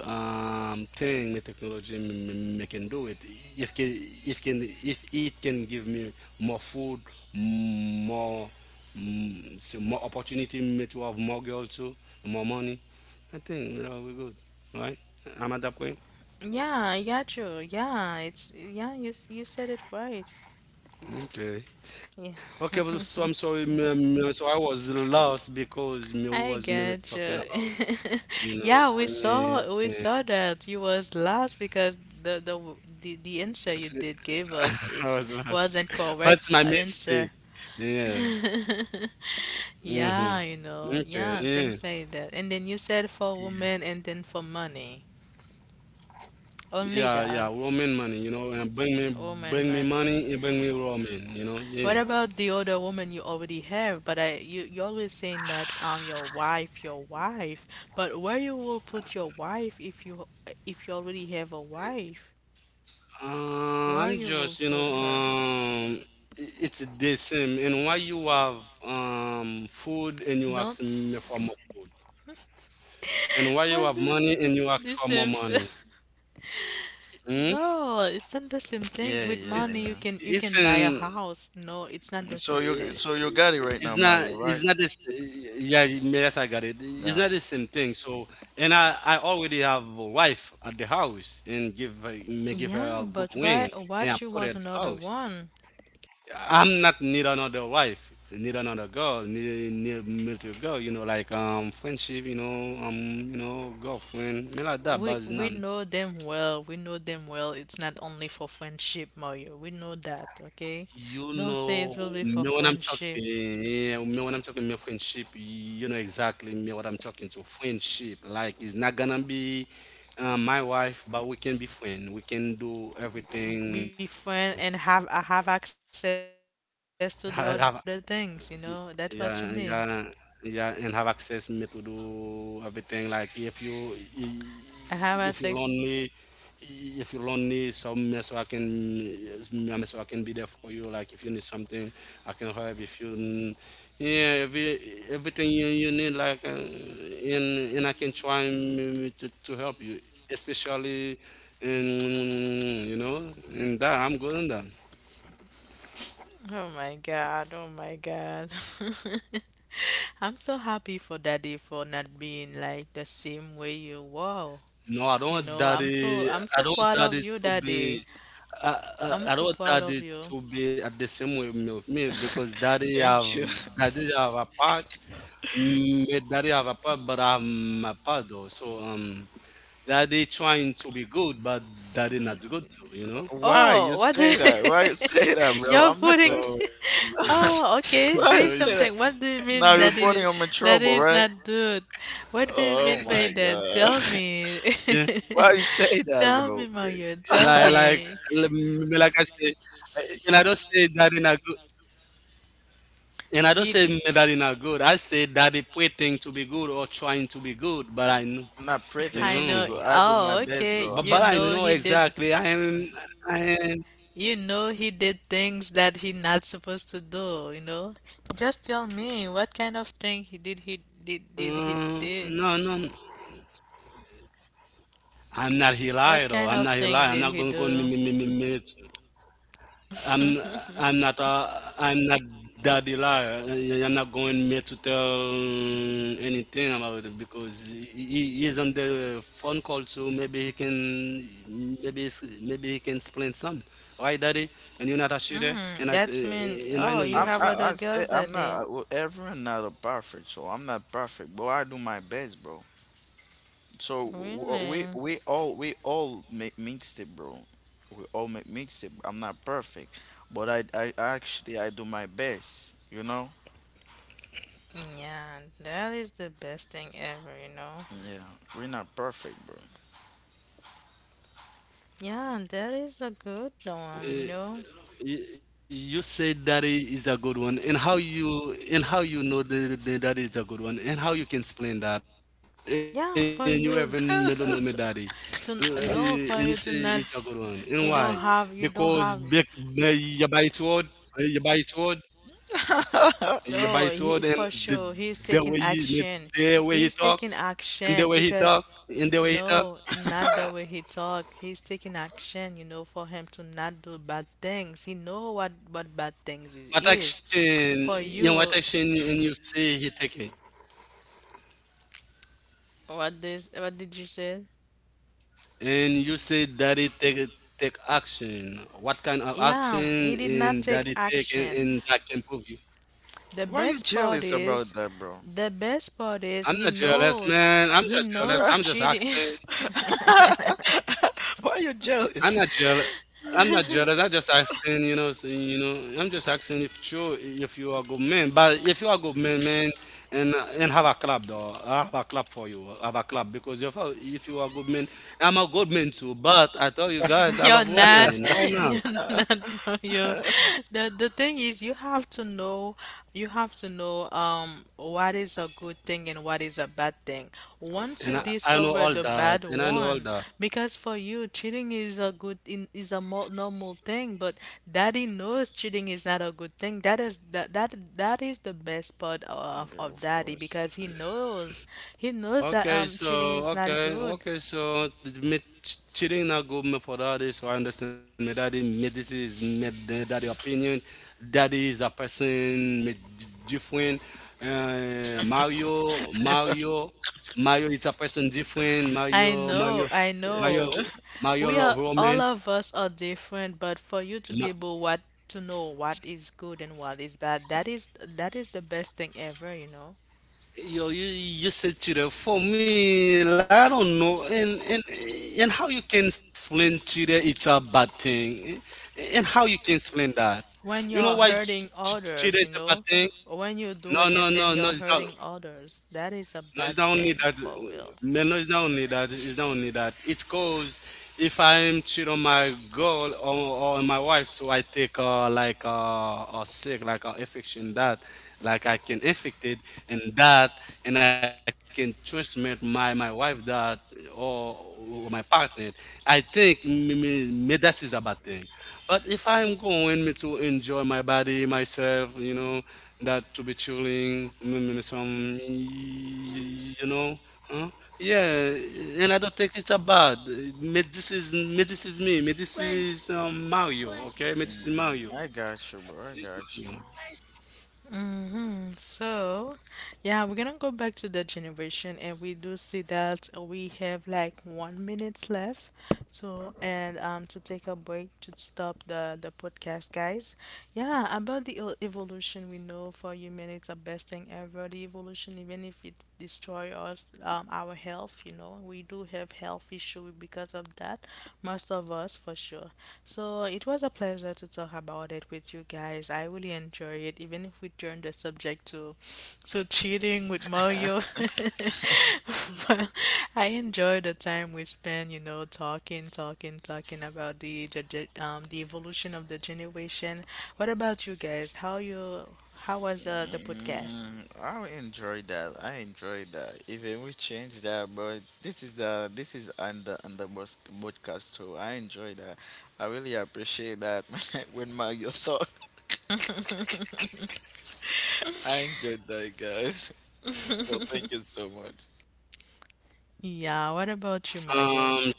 thing my technology me can do it if can if can, if it can give me more food, more so more opportunity me to have more girls too, more money. I think you know we're good, right? I'm at that point.
Yeah. Yeah. True. Yeah. It's yeah. You you said it right.
Okay.
Yeah.
Okay, but so I'm sorry me, so I was lost because me who
I
was me,
get
me
you.
talking about you know.
Yeah. We
Yeah.
saw that you was lost because the answer you did
I
give
was
us it
lost, but
wasn't
my
correct
mistake.
answer.
Yeah. Mm-hmm.
Yeah, you know,
Okay,
yeah,
yeah.
things like that. And then you said for
Yeah.
women and then for money.
Yeah,
Only
yeah,
that,
Roman money, you know, and
woman
bring me
money.
money and bring me Roman, you know,
What
yeah.
about the other woman you already have? But I, you, you're always saying that your wife, your wife. But where you will put your wife if you already have a wife? Where
I'm
you will
just, you know,
put her?
it's the same. And why you have food and you
Don't
ask me for more food? And why you
what
have
maybe
money and
it's
you ask
the
for more
same.
money? Hmm?
No, it's not the same thing.
Yeah,
With
It's,
yeah.
money you
it's
can buy a
in
house. No, it's not the
So
same
you,
thing.
I-
so you got it
it's
right now,
not,
Mario,
it's not
right?
this. Yeah, yes, I got it. It's not
Yeah.
the same thing. So and I already have a wife at the house and give her, may give her
Yeah,
a good
but why
wing, and I
what you
put her
want
at the
another
house.
one?
I'm not need another wife, need another girl, need military girl, you know, like friendship, you know, you know, girlfriend me like that, but it's not.
We know them well. We know them well. It's not only for friendship, Mario. We know that, okay?
You
Don't say
know
it will be
me
for
when I'm
friendship.
talking, yeah, me when I'm talking me friendship, you know exactly me what I'm talking to. Friendship, like, it's not gonna be my wife, but we can be friend. We can do
Be,
everything.
be friend and have I have access to do other things, you know?
I,
That's what you mean.
Y- yeah, yeah, yeah, and have access me to do everything. Like if you
I have access.
i- if you lonely, if you lonely, some me so I can me so I can be there for you. Like if you need something, I can help. If you yeah, every everything you, you need, like and and I can try me, me to help you, especially in you know in that. I'm good in that.
Oh my God, oh my God. I'm so happy for Daddy for not being like the same way you were.
No, I don't
You
want
know,
daddy.
I'm so
I don't want
proud of
daddy
you,
to
Daddy.
be. I,
I'm
I
so
don't
proud of
daddy
you.
to be at the same way with me because
Thank you.
daddy have a part, me daddy have a part, but I'm a part though. So daddy trying to be good, but daddy
Mm,
not good too, you know.
why
Oh,
you
what do you,
say that? Why you say that, bro?
you're
I'm
So
not trying.
putting?
so
Oh,
it,
okay.
Why you
Say
say that?
something. What do you
Now
mean
you're putting on my
that
trouble,
is
right?
not good? What do you
Oh
mean by
my
that? Tell
god.
yeah,
me.
Why you say that,
Tell
bro?
me,
yeah,
Mario. Tell
like
me.
me like I say, and I don't say daddy not good. And I don't
He,
say me daddy not good. I say daddy pretending to be good or trying to be good, but I know,
I'm not
you
pretending
I
to be
know.
know.
good. I do my
Oh,
best,
okay.
bro. I'm
But
You
not
I
know
know
he
pretending, bro.
did.
exactly. I am. I am.
You know he did things that he not supposed to do. You know. Just tell me what kind of thing he did. He did. Did he
Uh,
did?
no, no, no. I'm not a liar,
What
though. I'm
kind
not
of
a liar. I'm
thing
not
did he
gonna go in me
do?
me me me me. I'm. I'm not. I'm not daddy liar. I'm not going me to tell anything about it because he is on the phone call, so maybe he can. Maybe he can explain some. Why, daddy? And you're not a shooter,
Mm,
and
that's mean,
I
oh,
know
you
I'm,
you're a
have
shooter.
other
I say
girls
I'm
that day.
not. Well, everyone not a perfect, so I'm not perfect, but I do my best, bro. So
Really?
we all, we all make mixed it, bro. We all make mixed it. I'm not perfect, but I actually I do my best. You know?
Yeah, that is the best thing ever, you know?
Yeah, we're not perfect, bro.
Yeah, that is a good one, you know?
Y- you said that is a good one, and how you know the, that is a good one, and how you can explain that, and you
Yeah,
even
for
melanoma
you
daddy,
to, to,
And you
to
say
no,
it's a
for
good
you to
one,
not,
and why? Because
you don't
eh,
have,
you buy it word, you buy it word, you buy it word,
no,
and
he,
the,
for sure,
the way
he's
he
taking
made,
action.
the way he talk,
He's taking
and the way he
action
talk,
because
and the way he talk,
no, not the way he talk. He's taking action, you know, for him to not do bad things. He know what bad things is,
what
is.
action,
For
you know,
you,
what action, and you say he take it.
what this, what did you say?
And you said that it take take action. What kind of
Yeah,
action
he did not
in that
take
it take,
action.
and that can prove you?
The
Why you
best part
jealous about
is,
that, bro?
the best part is
I'm not jealous, man. I'm
he
just jealous.
knows
I'm just
cheating.
asking.
Why you
I'm
jealous?
not jealous. I'm not jealous. I'm just asking, you know, so, you know, I'm just asking if sure if you are good man. But if you are good man, man, and have a club though, I have a club for you, I have a club because if you are good man, I'm a good man too. But I tell you guys, I
You're
love
not,
women. Why not?
you're not Mario. The thing is you have to know you have to know what is a good thing and what is a bad thing.
Of
Once you
And
course.
I know
discover
all
the
that,
bad
and I know
one,
all that.
because for you cheating is a good in is a mo normal thing, but daddy knows cheating is not a good thing. That is that is the best part
Yeah,
of
of
daddy
course.
because he knows that
Okay, so
cheating is not
okay,
good.
okay, so the me cheating not good me for daddy. So I understand my daddy. Me, this is me daddy opinion. Daddy is a person me different. Mario, Mario, Mario is a person different. Mario,
I
Mario,
know, I
Mario,
know.
Yeah.
Mario
We
love
are
Roman.
all of us are different, but for you to be able what to know what is good and what is bad, that is the best thing ever, you know.
Yo, you said to the for me, like, I don't know, and how you can explain to the it's a bad thing, and how you can explain that? You
When
know why
you're hurting
cheater is a
others, you
bad
know,
thing?
when you
No,
do it
no,
and
no,
then
no,
you're
no.
hurting others, that is a
No, it's
bad
not only
thing
that.
for real.
No, no, it's not only that. It's not only that. It goes if I'm cheat on my girl or on my wife, so I take like a sick like a infection that like I can infect it and that and I can transmit my my wife that or, or my partner. I think me, me, me that is a bad thing. But if I'm going me to enjoy my body myself, you know that to be chilling, some, you know, huh? Yeah, and I don't think it's a bad. Me- this is me, this is me, me, this is Mario, okay? Me,
Mm,
this is
mm.
Mario.
I got you,
This
bro. I
is
got
Mario.
you.
So, yeah, we're gonna go back to the generation, and we do see that we have like 1 minute left. So, and to take a break to stop the podcast, guys. Yeah, about the evolution, we know for human it's the best thing ever. The evolution, even if it destroy us our health, you know, we do have health issue because of that, most of us for sure. So it was a pleasure to talk about it with you guys. I really enjoy it even if we turned the subject to cheating with Mario. But I enjoy the time we spend, you know, talking talking about the the evolution of the generation. What about you guys? How you how was the podcast?
Mm, I enjoy that. I enjoy that. Even we change that, but this is the, this is on the podcast too. I enjoy that. I really appreciate that when Mario talk. I enjoyed that, guys. So thank you so much.
Yeah, what about you, Mario?
Um,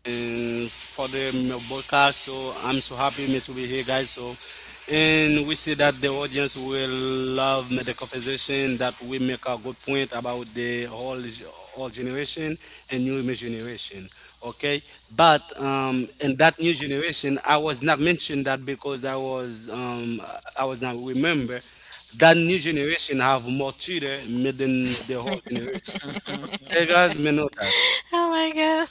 and for the broadcast. So I'm so happy me to be here, guys. So, and we see that the audience will love me the conversation that we make a good point about the whole whole generation and new generation. Okay, but in that new generation, I was not mentioned that because I was not remember that new generation have more children than the whole generation. Okay, guys, me know
Oh my God.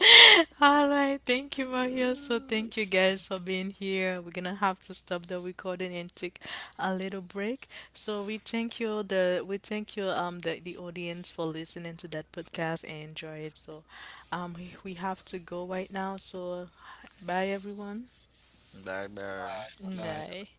All right. Thank you, Mario. So thank you guys for being here. We're gonna have to stop the recording and take a little break. So we thank you the we thank you the audience for listening to that podcast and enjoy it. So we have to go right now. So bye everyone.
Bye bye.
Bye.
that.